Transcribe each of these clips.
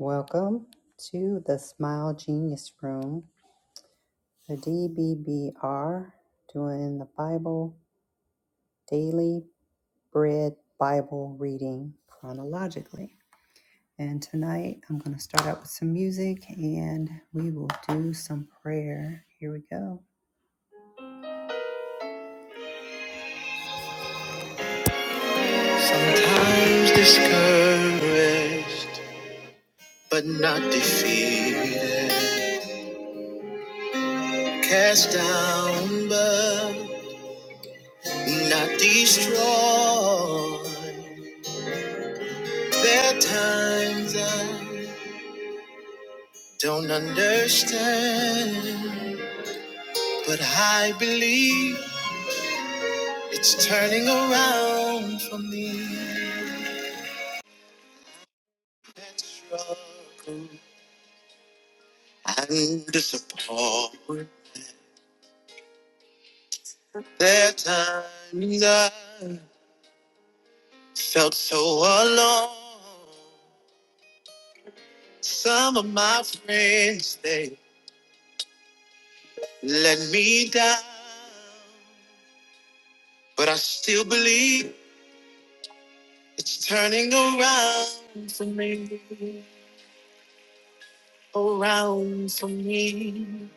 Welcome to the Smile Genius Room, the DBBR, doing the Bible Daily Bread Bible reading chronologically. And tonight I'm going to start out with some music and we will do some prayer. Here we go. Sometimes discouraged, but not defeated. Cast down, but not destroyed. There are times I don't understand, but I believe it's turning around for me. That struggle and disappointment. There are times I felt so alone. Some of my friends they let me down, but I still believe. It's turning around for me, around for me,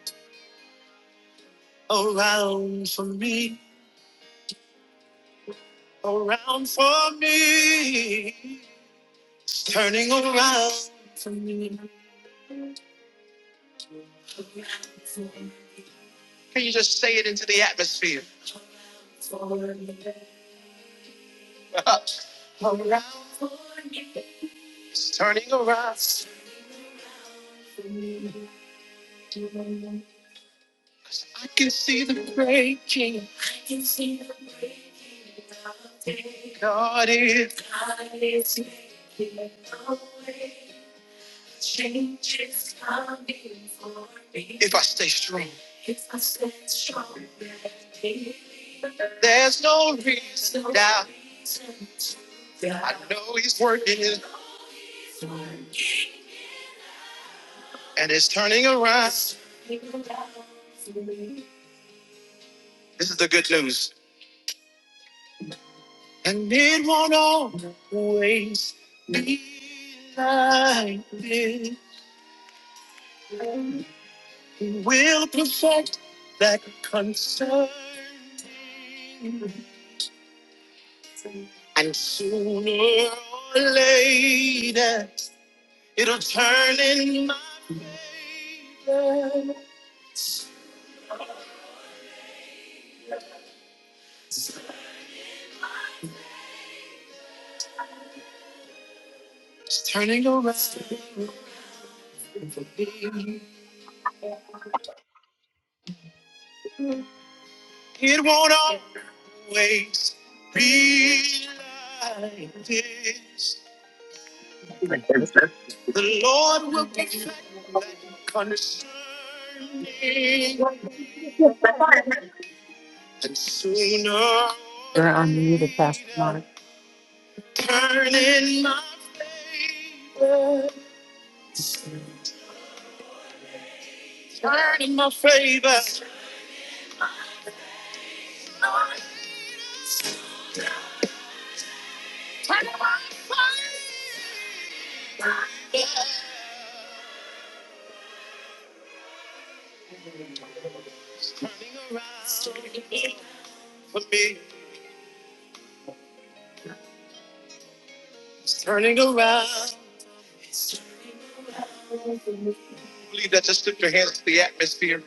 around for me, around for me. It's turning around. Can you just say it into the atmosphere? around. for me. It's turning around. I can see the breaking. I can see the breaking. God is. God is is way. change is coming for me. If I stay strong, If I stay strong. there's no reason to doubt. I know He's working it, and it's turning around. This is the good news. And it won't always be like this. He will perfect that concern. And sooner or later, it'll turn in my favor. It's turning around for me. It won't always be like this. The Lord will be concerning and sooner. You're on mute, Pastor Mark. Turn in my favor. Turn in my favor. It's turning around For me, it's turning around. Believe that. Just lift your hands to the atmosphere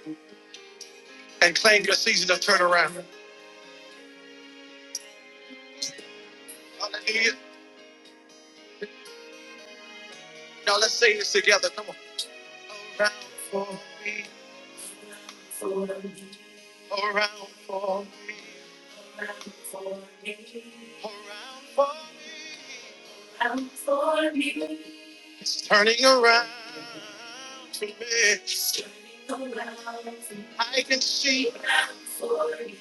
and claim your season of turnaround. Hallelujah. Now let's say this together. Come on. Around for me. Around for me. Around for me. around for me. Around for me. Around for me. It's turning around for me. It's turning around. for me. I can see. Around for me.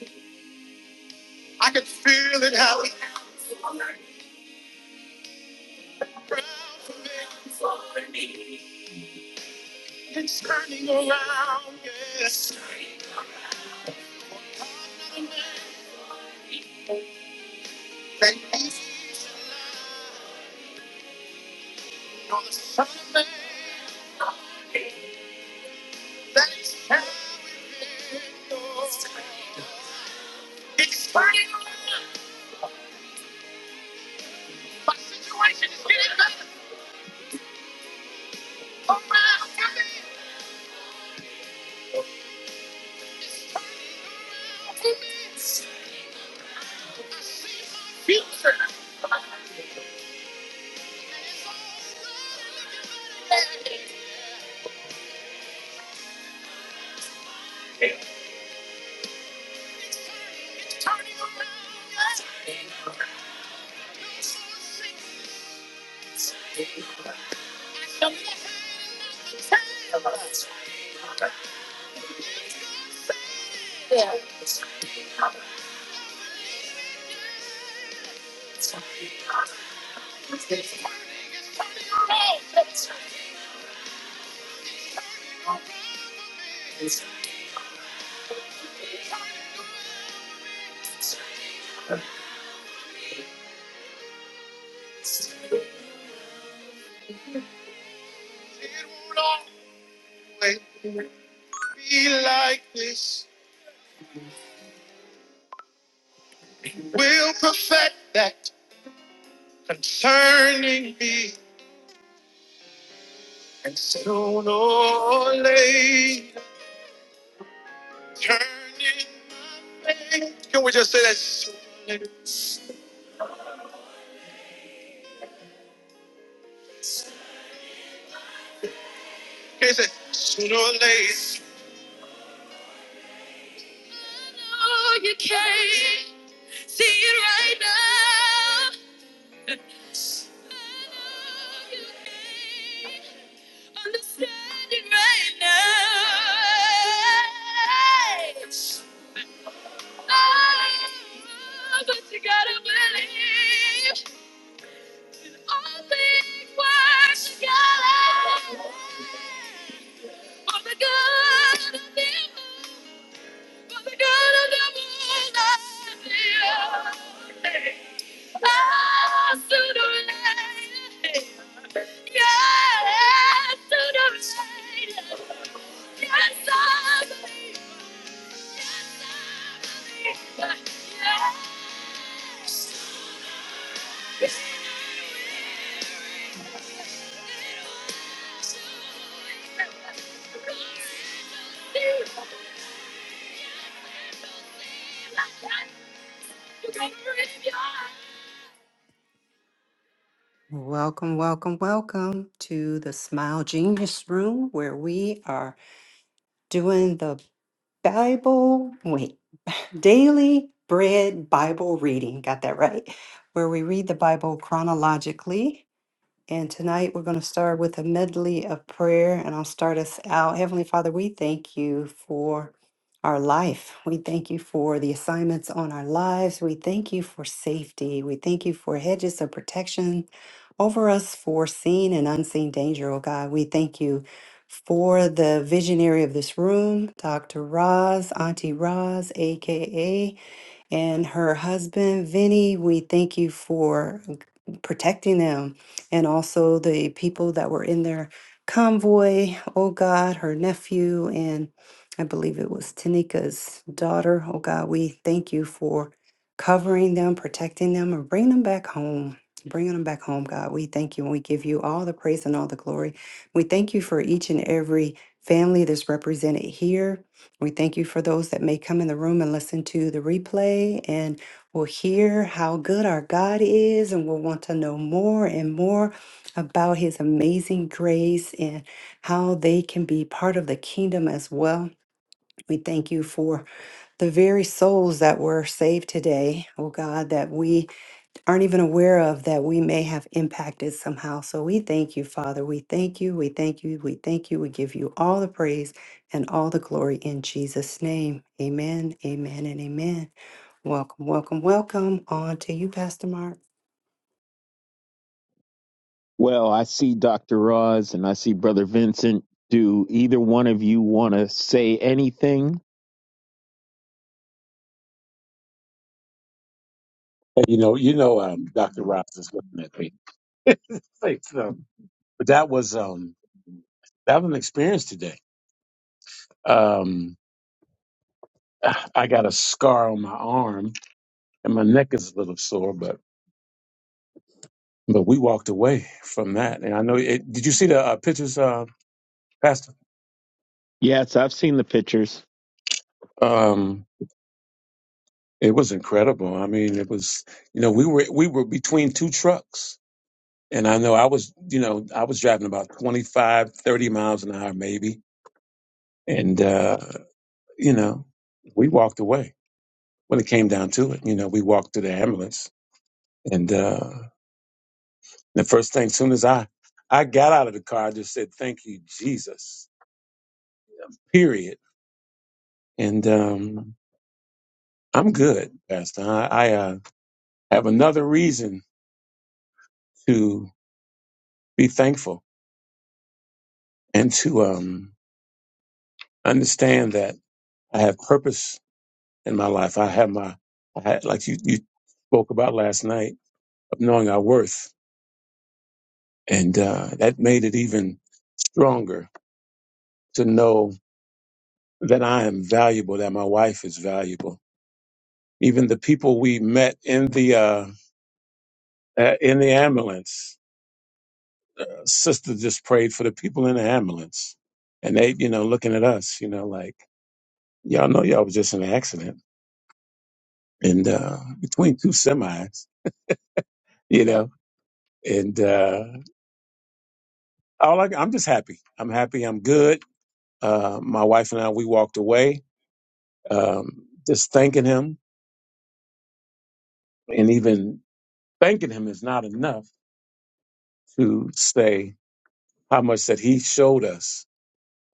I can feel it happening Around for me, around for me. It's turning around, yes. That he's you're the son of man. That is how it is. It's turning around. My situation is getting I see my future. Yeah. It won't always. be like this. We'll perfect that concerning me. And soon or later, turning my face. Can we just say that? Soon or later? Can you say, sooner or later? Understanding right now. Oh, but you gotta believe. Welcome, welcome, welcome to the Smile Genius Room where we are doing the Bible. Wait. Daily Bread Bible Reading, got that right, where we read the Bible chronologically and tonight we're going to start with a medley of prayer, and I'll start us out. Heavenly Father, we thank you for our life. We thank you for the assignments on our lives. We thank you for safety. We thank you for hedges of protection over us for seen and unseen danger, oh God. We thank you for the visionary of this room, Dr. Roz, Auntie Roz, aka and her husband, Vinny. We thank you for protecting them and also the people that were in their convoy. Oh God, her nephew, and I believe it was Tanika's daughter. Oh God, we thank you for covering them, protecting them, and bringing them back home. Bringing them back home, God. We thank you and we give you all the praise and all the glory. We thank you for each and every family that's represented here we thank you for those that may come in the room and listen to the replay and will hear how good our God is and will want to know more and more about his amazing grace and how they can be part of the kingdom as well. We thank you for the very souls that were saved today, oh God, that we aren't even aware of that we may have impacted somehow. So we thank you, Father. We thank you. We thank you. We thank you. We give you all the praise and all the glory in Jesus' name. Amen. Amen. And amen. Welcome, welcome, welcome. On to you, Pastor Mark. Well, I see Dr. Roz and I see Brother Vincent. Do either one of you want to say anything? You know, you know, um, Dr. Ross is looking at me. Like, um, but that was um, that was an experience today. Um, I got a scar on my arm, and my neck is a little sore, but but we walked away from that. And I know. It, did you see the uh, pictures, uh, Pastor? Yes, I've seen the pictures. Um, it was incredible. I mean, it was. You know, we were we were between two trucks, and I know I was. You know, I was driving about 25, 30 miles an hour, maybe, and uh, you know, we walked away when it came down to it. You know, we walked to the ambulance, and uh, the first thing, soon as I I got out of the car, I just said, "Thank you, Jesus." Period. And um, I'm good, Pastor. I, I uh, have another reason to be thankful and to um, understand that I have purpose in my life. I have my, I had, like you you spoke about last night of knowing our worth, and uh, that made it even stronger to know that I am valuable, that my wife is valuable. Even the people we met in the uh, uh, in the ambulance, uh, sister just prayed for the people in the ambulance, and they, you know, looking at us, you know, like y'all know y'all was just in an accident, and uh, between two semis, you know, and uh, all I, I'm just happy. I'm happy. I'm good. Uh, my wife and I, we walked away, um, just thanking him, and even thanking him is not enough to say how much that he showed us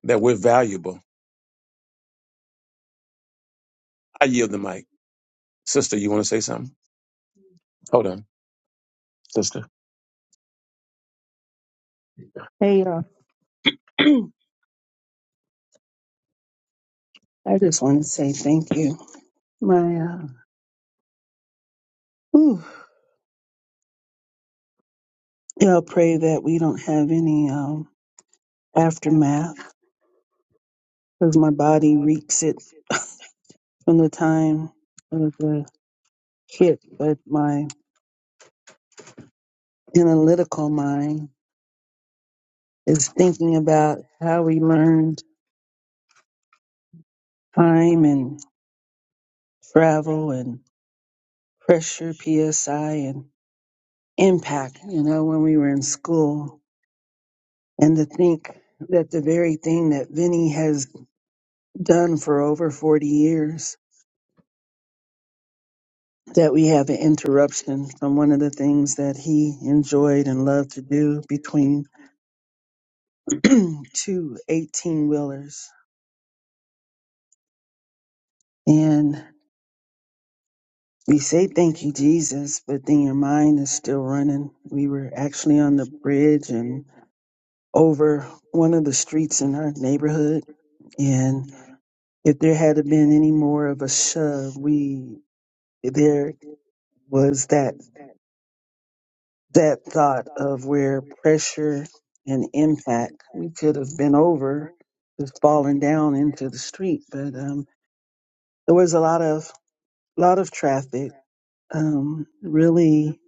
that we're valuable. I yield the mic. Sister, you want to say something? Hold on, sister. Hey, y'all. I just want to say thank you. My, uh, whew, y'all pray that we don't have any um, aftermath because my body reeks it from the time of the hit. But my analytical mind is thinking about how we learned time and travel and pressure, PSI, and. impact, you know, when we were in school. And to think that the very thing that Vinny has done for over 40 years, that we have an interruption from one of the things that he enjoyed and loved to do between 218 wheelers. And we say thank you, Jesus, but then your mind is still running. We were actually on the bridge and over one of the streets in our neighborhood. and. if there had been any more of a shove, we there was that that thought of where pressure and impact, we could have been over, just falling down into the street. But um, there was a lot of lot of traffic. Um, really,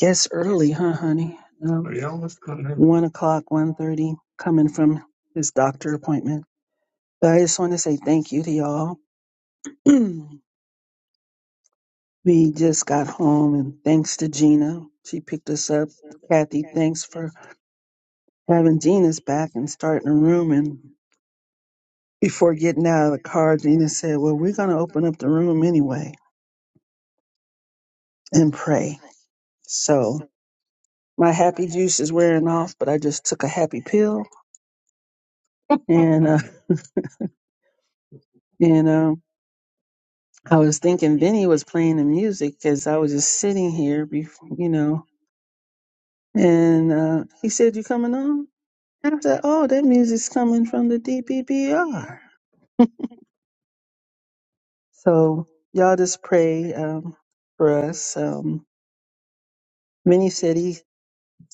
guess early, huh, honey? Um, Yeah, one o'clock, one thirty, coming from his doctor appointment. But I just want to say thank you to y'all. We just got home, and thanks to Gina, she picked us up. Kathy, thanks for having Gina's back and starting a room. And before getting out of the car, Gina said, Well, we're going to open up the room anyway and pray. So my happy juice is wearing off, but I just took a happy pill. And, uh, and, um, I was thinking Vinny was playing the music because I was just sitting here, before, you know, and uh, he said, You coming on? And I said, Oh, that music's coming from the D P P R." So y'all just pray um, for us. Um, Minnie said he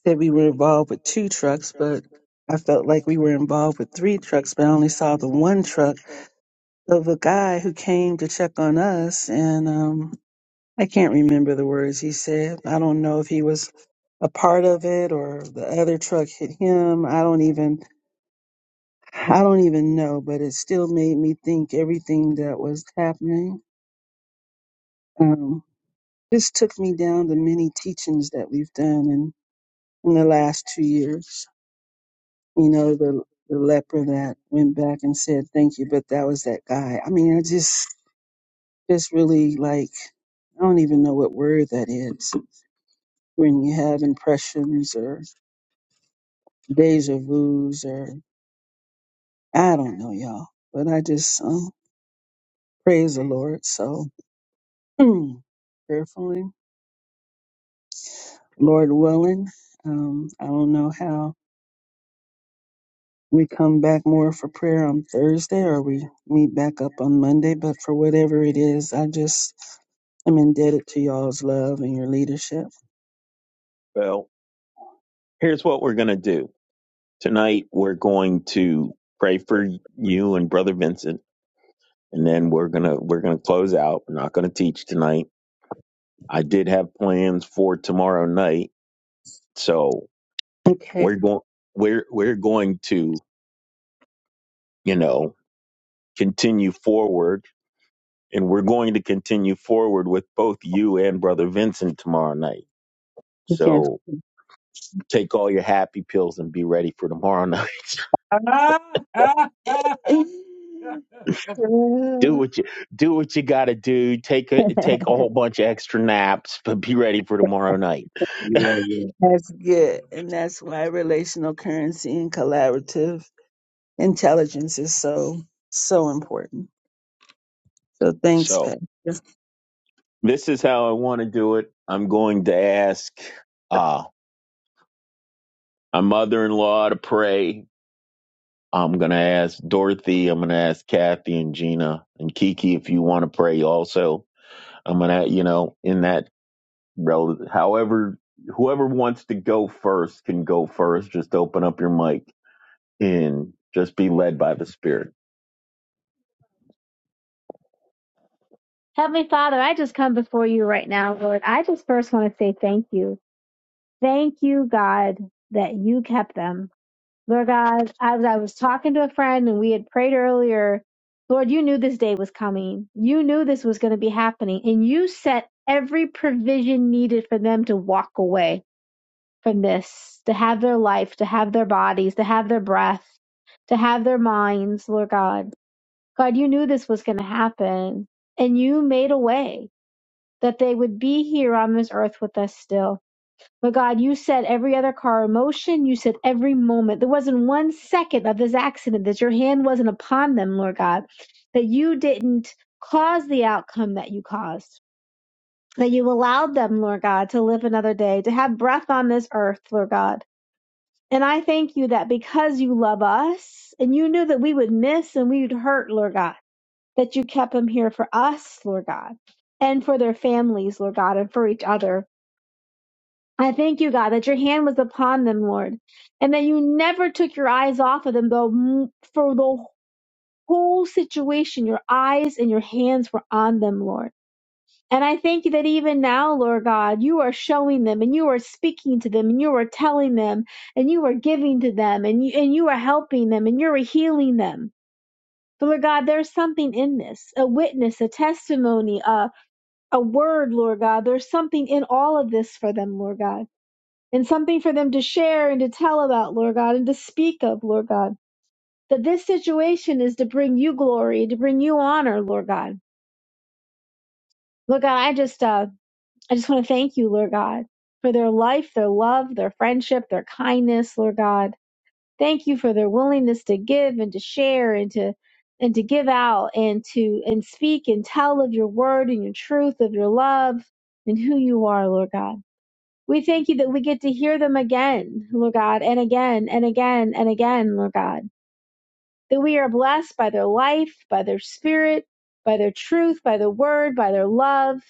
said we were involved with two trucks, but I felt like we were involved with three trucks, but I only saw the one truck of a guy who came to check on us, and um, I can't remember the words he said. I don't know if he was a part of it or the other truck hit him. I don't even I don't even know, but it still made me think everything that was happening. Um, This took me down the many teachings that we've done in, in the last two years. You know, the, the leper that went back and said, thank you, but that was that guy. I mean, I just, just really like, I don't even know what word that is when you have impressions or deja vu's or I don't know, y'all. But I just um, praise the Lord. So prayerfully, Lord willing, um, I don't know how we come back more for prayer on Thursday or we meet back up on Monday. But for whatever it is, I just am indebted to y'all's love and your leadership. Well, here's what we're going to do. Tonight we're going to pray for you and Brother Vincent and then we're going to we're going to close out. We're not going to teach tonight. I did have plans for tomorrow night, so Okay. we're going we're we're going to, you know, continue forward and we're going to continue forward with both you and brother Vincent tomorrow night. Yes. So take all your happy pills and be ready for tomorrow night. do what you do what you got to do. Take a take a whole bunch of extra naps, but be ready for tomorrow night. Yeah, yeah. That's good. And that's why relational currency and collaborative intelligence is so, so important. So thanks, So Pastor. this is how I want to do it. I'm going to ask uh my mother-in-law to pray. I'm going to ask Dorothy, I'm going to ask Kathy and Gina and Kiki if you want to pray also. I'm going to, you know, in that relative. However, whoever wants to go first can go first. Just open up your mic and just be led by the Spirit. Heavenly Father, I just come before you right now, Lord. I just first want to say thank you. Thank you, God, that you kept them. Lord God, as I was talking to a friend and we had prayed earlier, Lord, you knew this day was coming. You knew this was going to be happening, and you set every provision needed for them to walk away. from this, to have their life, to have their bodies, to have their breath, to have their minds, Lord God. God, you knew this was going to happen, and you made a way that they would be here on this earth with us still. But God, you said every other car emotion, you said every moment. There wasn't one second of this accident that your hand wasn't upon them, Lord God, that you didn't cause the outcome that you caused, that you allowed them, Lord God, to live another day, to have breath on this earth, Lord God and I thank you that because you love us and you knew that we would miss and we would hurt, Lord God, that you kept them here for us, Lord God, and for their families, Lord God, and for each other. I thank you, God, that your hand was upon them, Lord, and that you never took your eyes off of them, though m- for the whole situation, your eyes and your hands were on them, Lord. And I thank you that even now, Lord God, you are showing them and you are speaking to them and you are telling them and you are giving to them and you, and you are helping them and you are healing them. But Lord God, there's something in this a witness, a testimony, a, a word, Lord God. There's something in all of this for them, Lord God, and something for them to share and to tell about, Lord God, and to speak of, Lord God. That this situation is to bring you glory, to bring you honor, Lord God. Lord God, I just, uh, I just want to thank you, Lord God, for their life, their love, their friendship, their kindness, Lord God. Thank you for their willingness to give and to share and to and to give out and to and speak and tell of your word and your truth of your love and who you are, Lord God. We thank you that we get to hear them again, Lord God, and again and again and again, Lord God. That we are blessed by their life, by their spirit, by their truth, by the word, by their love,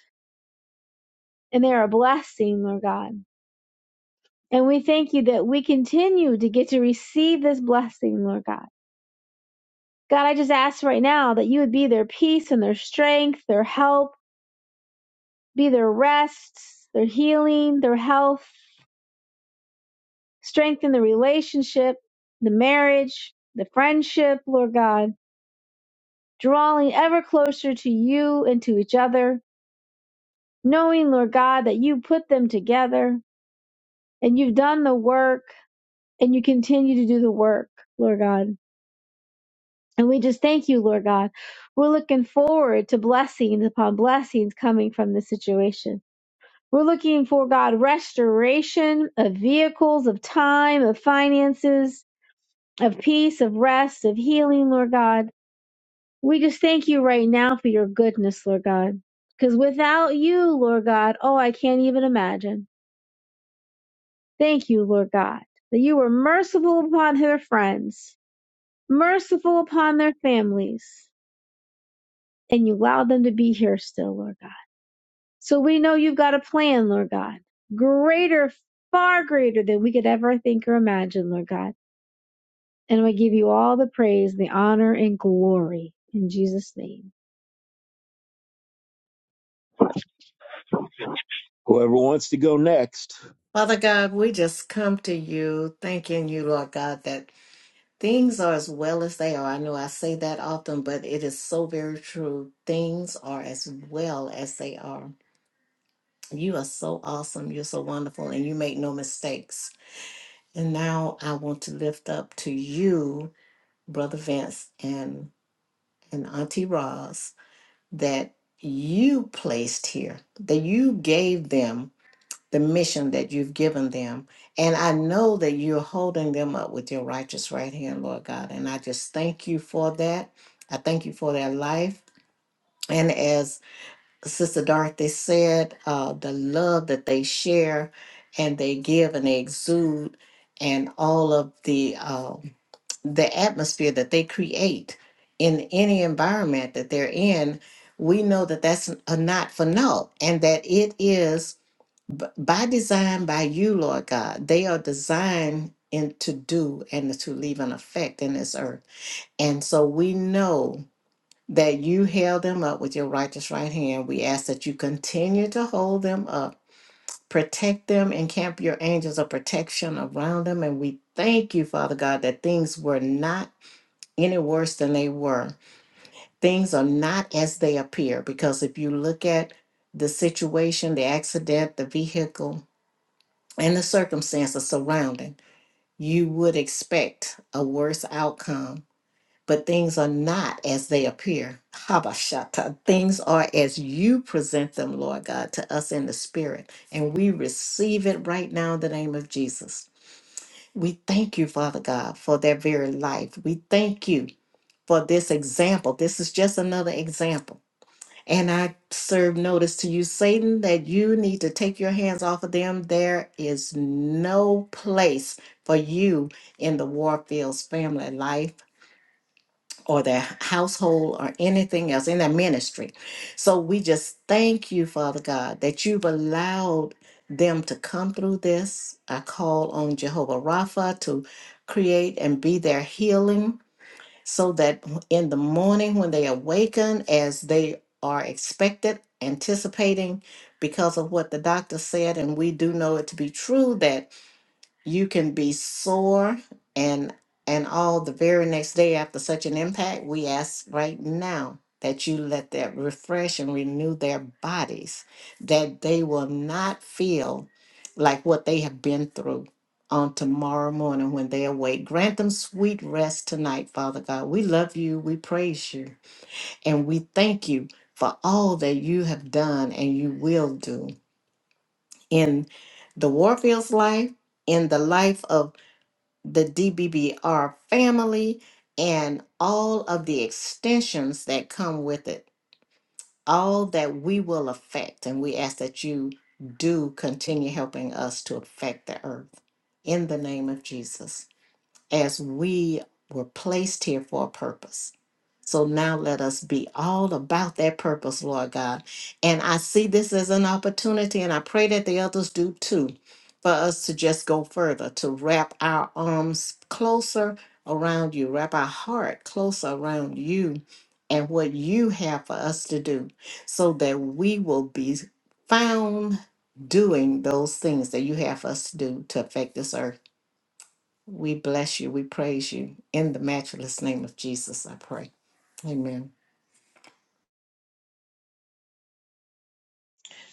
and they are a blessing, Lord God. And we thank you that we continue to get to receive this blessing, Lord God. God, I just ask right now that you would be their peace and their strength, their help, be their rest, their healing, their health, strengthen the relationship, the marriage, the friendship, Lord God, drawing ever closer to you and to each other, knowing, Lord God, that you put them together and you've done the work and you continue to do the work, Lord God. And we just thank you, Lord God. We're looking forward to blessings upon blessings coming from this situation. We're looking for, God, restoration of vehicles, of time, of finances, of peace, of rest, of healing, Lord God. We just thank you right now for your goodness, Lord God. Because without you, Lord God, oh, I can't even imagine. Thank you, Lord God, that you were merciful upon their friends, merciful upon their families and you allow them to be here still, Lord God. So we know you've got a plan, Lord God, greater, far greater than we could ever think or imagine, Lord God. And we give you all the praise, the honor, and glory in Jesus' name. Whoever wants to go next. Father God, we just come to you thanking you, Lord God, that things are as well as they are. I know I say that often, but it is so very true. Things are as well as they are. You are so awesome. You're so wonderful, and you make no mistakes. And now I want to lift up to you, Brother Vince and, and Auntie Roz, that you placed here, that you gave them the mission that you've given them. And I know that you're holding them up with your righteous right hand, Lord God. And I just thank you for that. I thank you for their life. And as Sister Dorothy said, uh, the love that they share and they give and they exude, and all of the uh, the atmosphere that they create in any environment that they're in, we know that that's uh, not for naught, and that it is b- by design by you, Lord God. They are designed and to do and to leave an effect in this earth. And so we know that you held them up with your righteous right hand. We ask that you continue to hold them up, protect them, and camp your angels of protection around them. And we thank you, Father God, that things were not any worse than they were. Things are not as they appear because if you look at the situation, the accident, the vehicle, and the circumstances surrounding, you would expect a worse outcome. But things are not as they appear. Habashata. Things are as you present them, Lord God, to us in the spirit. And we receive it right now in the name of Jesus. We thank you, Father God, for their very life. We thank you for this example. This is just another example and I serve notice to you, Satan, that you need to take your hands off of them. There is no place for you in the Warfield's family life or their household or anything else in their ministry. So we just thank you, Father God, that you've allowed them to come through this. I call on Jehovah Rapha to create and be their healing so that in the morning when they awaken, as they are expected, anticipating because of what the doctor said, and we do know it to be true that you can be sore and and all the very next day after such an impact we ask right now that you let that refresh and renew their bodies that they will not feel like what they have been through on tomorrow morning when they awake grant them sweet rest tonight father god we love you we praise you and we thank you for all that you have done and you will do in the warfield's life in the life of the DBBR family and all of the extensions that come with it, all that we will affect. And we ask that you do continue helping us to affect the earth in the name of Jesus as we were placed here for a purpose. So now let us be all about that purpose, Lord God. And I see this as an opportunity, and I pray that the others do too, for us to just go further, to wrap our arms closer around you, wrap our heart closer around you and what you have for us to do, so that we will be found doing those things that you have for us to do to affect this earth. We bless you. We praise you. In the matchless name of Jesus, I pray. Amen.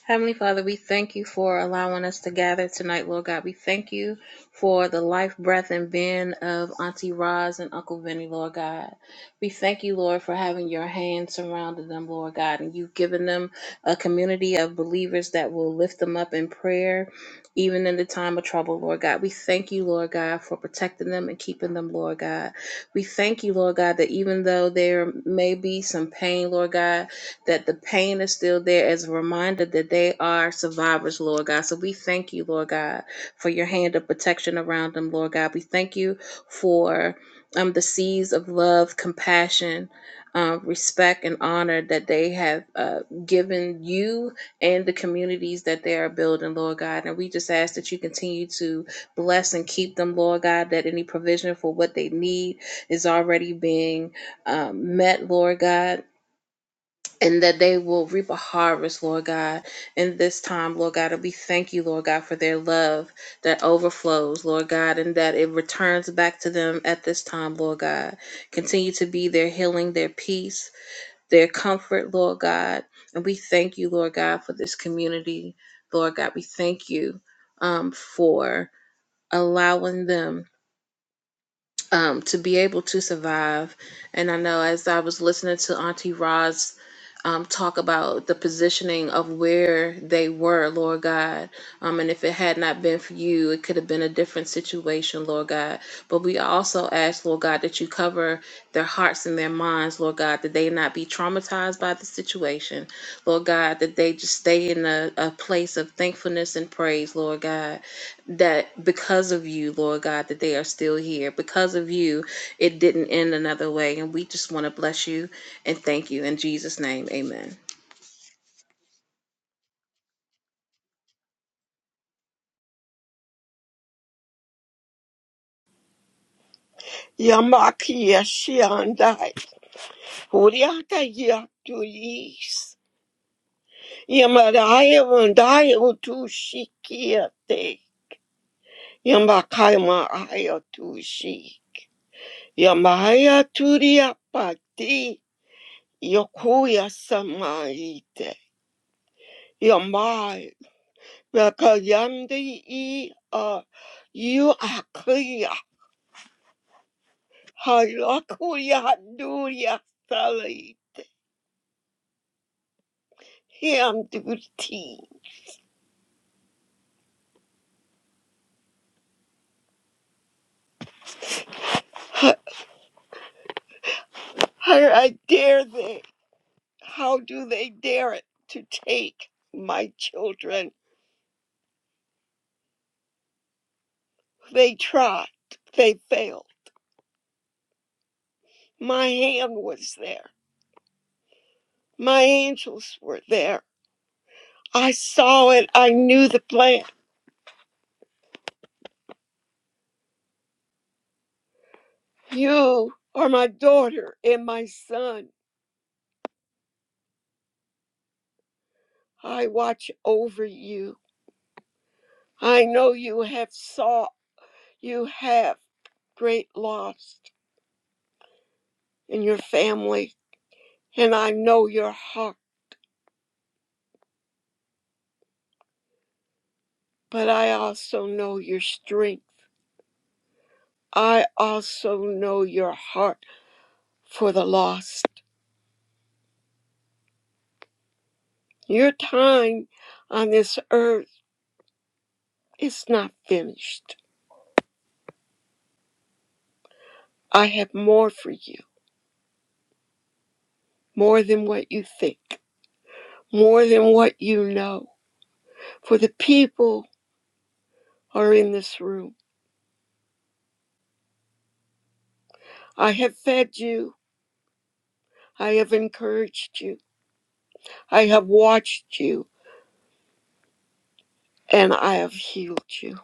Heavenly Father, we thank you for allowing us to gather tonight, Lord God. We thank you for the life, breath, and being of Auntie Roz and Uncle Vinny, Lord God. We thank you, Lord, for having your hand surrounded them, Lord God, and you've given them a community of believers that will lift them up in prayer, even in the time of trouble, Lord God. We thank you, Lord God, for protecting them and keeping them, Lord God. We thank you, Lord God, that even though there may be some pain, Lord God, that the pain is still there as a reminder that they are survivors, Lord God. So we thank you, Lord God, for your hand of protection around them, Lord God. We thank you for um, the seeds of love, compassion, um, respect, and honor that they have uh, given you and the communities that they are building, Lord God. And we just ask that you continue to bless and keep them, Lord God, that any provision for what they need is already being um, met, Lord God and that they will reap a harvest, Lord God, in this time, Lord God. And we thank you, Lord God, for their love that overflows, Lord God, and that it returns back to them at this time, Lord God. Continue to be their healing, their peace, their comfort, Lord God. And we thank you, Lord God, for this community, Lord God. We thank you um, for allowing them um, to be able to survive. And I know as I was listening to Auntie Roz um, talk about the positioning of where they were, Lord God, um, and if it had not been for you, it could have been a different situation, Lord God. But we also ask, Lord God, that you cover their hearts and their minds, Lord God, that they not be traumatized by the situation, Lord God, that they just stay in a, a place of thankfulness and praise, Lord God that because of you, Lord God, that they are still here. Because of you, it didn't end another way. And we just want to bless you and thank you. In Jesus' name, amen. Yamakia Shiandai, Uriata Yatuis, Yamaraya Vandayo Tushikiate, Yamakaima Ayatushi, Yamaya Turia Pati, Yokuya Samaite, Yamai, Rakayandi E. Uh, you are clear. Halakuya Nuria Sali. Him duty. How do I dare they? How do they dare it to take my children? They tried. They failed. My hand was there. My angels were there. I saw it. I knew the plan. You are my daughter and my son. I watch over you. I know you have saw you have great loss in your family, and I know your heart, but I also know your strength. I also know your heart for the lost. Your time on this earth is not finished. I have more for you, more than what you think, more than what you know. For the people are in this room. I have fed you, I have encouraged you, I have watched you, and I have healed you.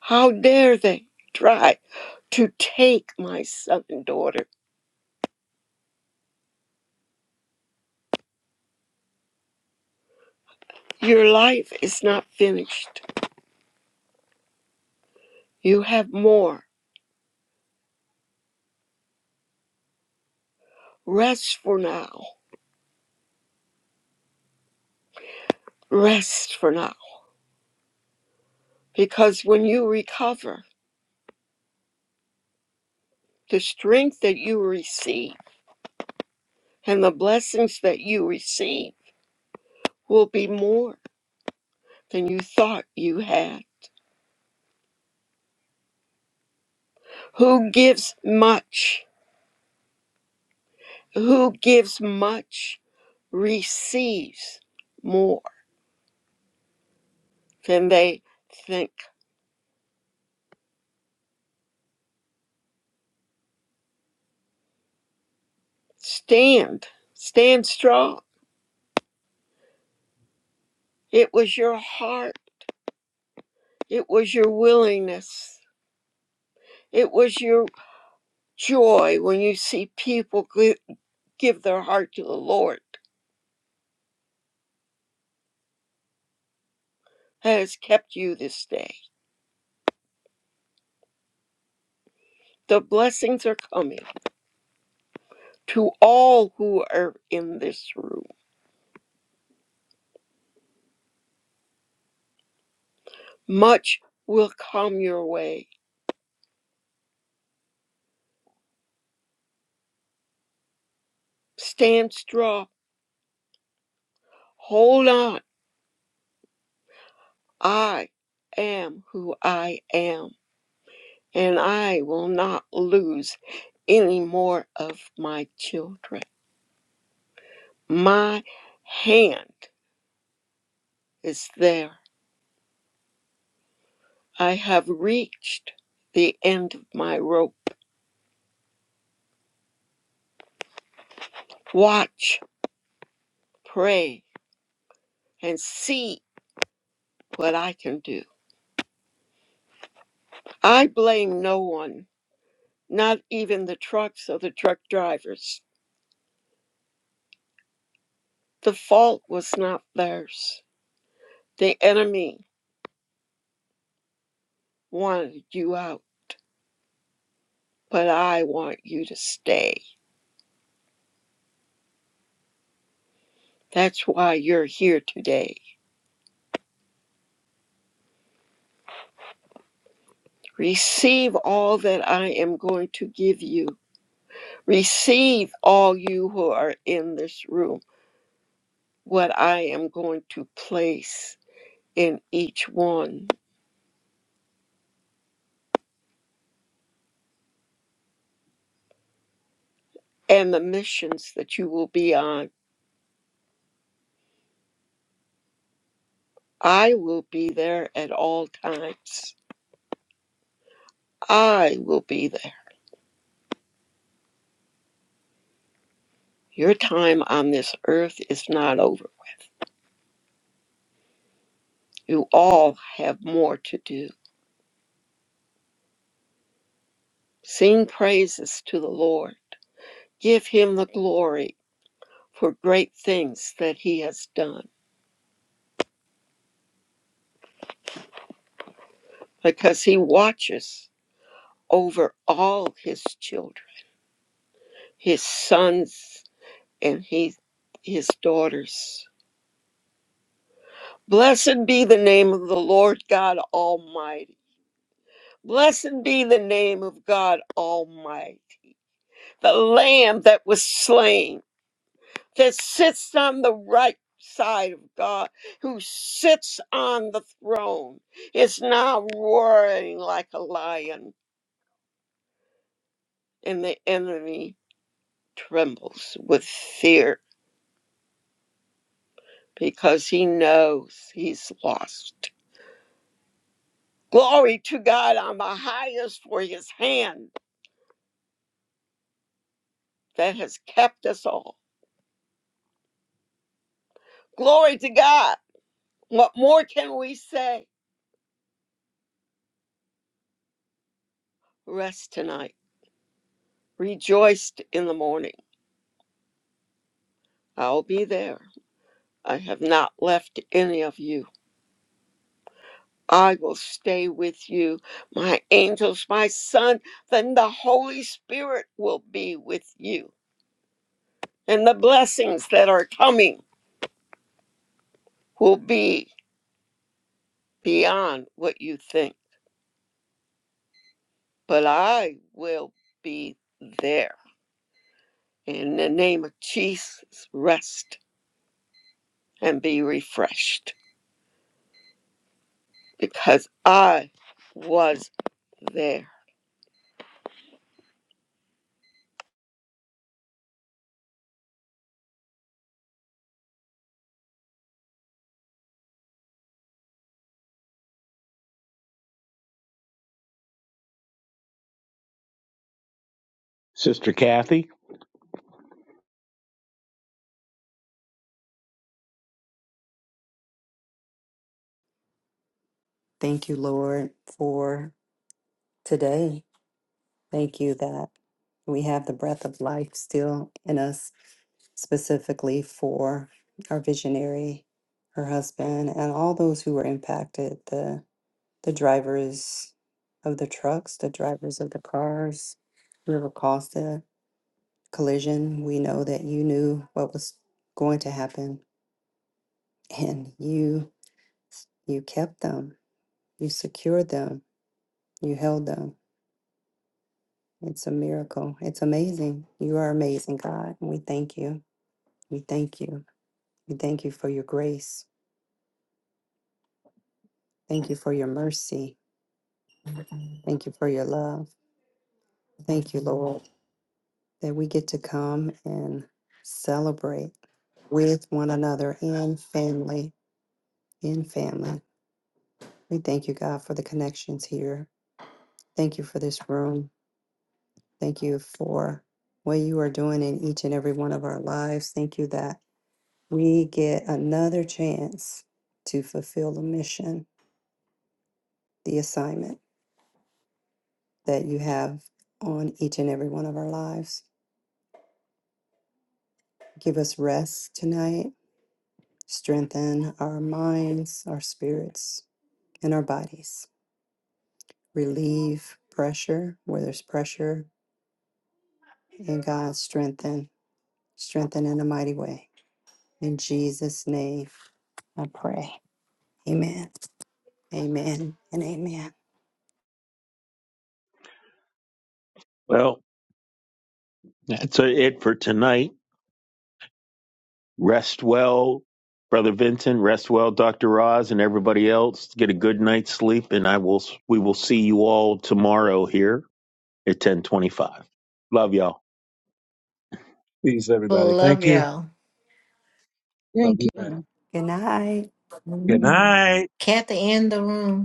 How dare they try to take my son and daughter? Your life is not finished. You have more. Rest for now. Rest for now. Because when you recover, the strength that you receive and the blessings that you receive will be more than you thought you had. Who gives much, who gives much receives more than they think. Stand, stand strong. It was your heart, it was your willingness, it was your joy when you see people give their heart to the Lord has kept you this day. The blessings are coming to all who are in this room. Much will come your way. Stand strong. Hold on. I am who I am, and I will not lose any more of my children. My hand is there. I have reached the end of my rope. watch, pray, and see what I can do. I blame no one, not even the trucks or the truck drivers. The fault was not theirs. The enemy wanted you out, but I want you to stay. That's why you're here today. Receive all that I am going to give you. Receive all you who are in this room, what I am going to place in each one. and the missions that you will be on. I will be there at all times. I will be there. Your time on this earth is not over. You all have more to do. Sing praises to the Lord. Give him the glory for great things that he has done because he watches over all his children, his sons and his, his daughters. Blessed be the name of the Lord God Almighty Blessed be the name of God Almighty, the Lamb that was slain, that sits on the right side of God, who sits on the throne, is now roaring like a lion, and the enemy trembles with fear because he knows he's lost. Glory to God on the highest for his hand that has kept us all. Glory to God. What more can we say? Rest tonight. Rejoiced in the morning. I'll be there. I have not left any of you. I will stay with you. My angels, my son, then the Holy Spirit will be with you. And the blessings that are coming will be beyond what you think. But I will be there. In the name of Jesus, rest and be refreshed because I was there. Thank you, Lord, for today. Thank you that we have the breath of life still in us, specifically for our visionary, her husband, and all those who were impacted. the drivers of the trucks, the drivers of the cars. River caused the collision, we know that you knew what was going to happen and you you kept them. You secured them. You held them. It's a miracle. It's amazing. You are amazing, God. And we thank you. We thank you. We thank you for your grace. Thank you for your mercy. Thank you for your love. Thank you, Lord, that we get to come and celebrate with one another in family, in family. We thank you, God, for the connections here. Thank you for this room. Thank you for what you are doing in each and every one of our lives. Thank you that we get another chance to fulfill the mission, the assignment that you have on each and every one of our lives. Give us rest tonight, strengthen our minds, our spirits, and our bodies relieve pressure where there's pressure And God strengthen, strengthen in a mighty way. In Jesus' name, I pray. Amen. Amen. And amen. Well, that's it for tonight. Rest well, Brother Vincent. Rest well, Dr. Roz, and everybody else. Get a good night's sleep, and I will. We will see you all tomorrow here. at 1025. Love y'all. Peace, everybody. Love Thank you. y'all. Love Thank you back. you. Good night. Good Mm. Mm. night. Kathy in the room.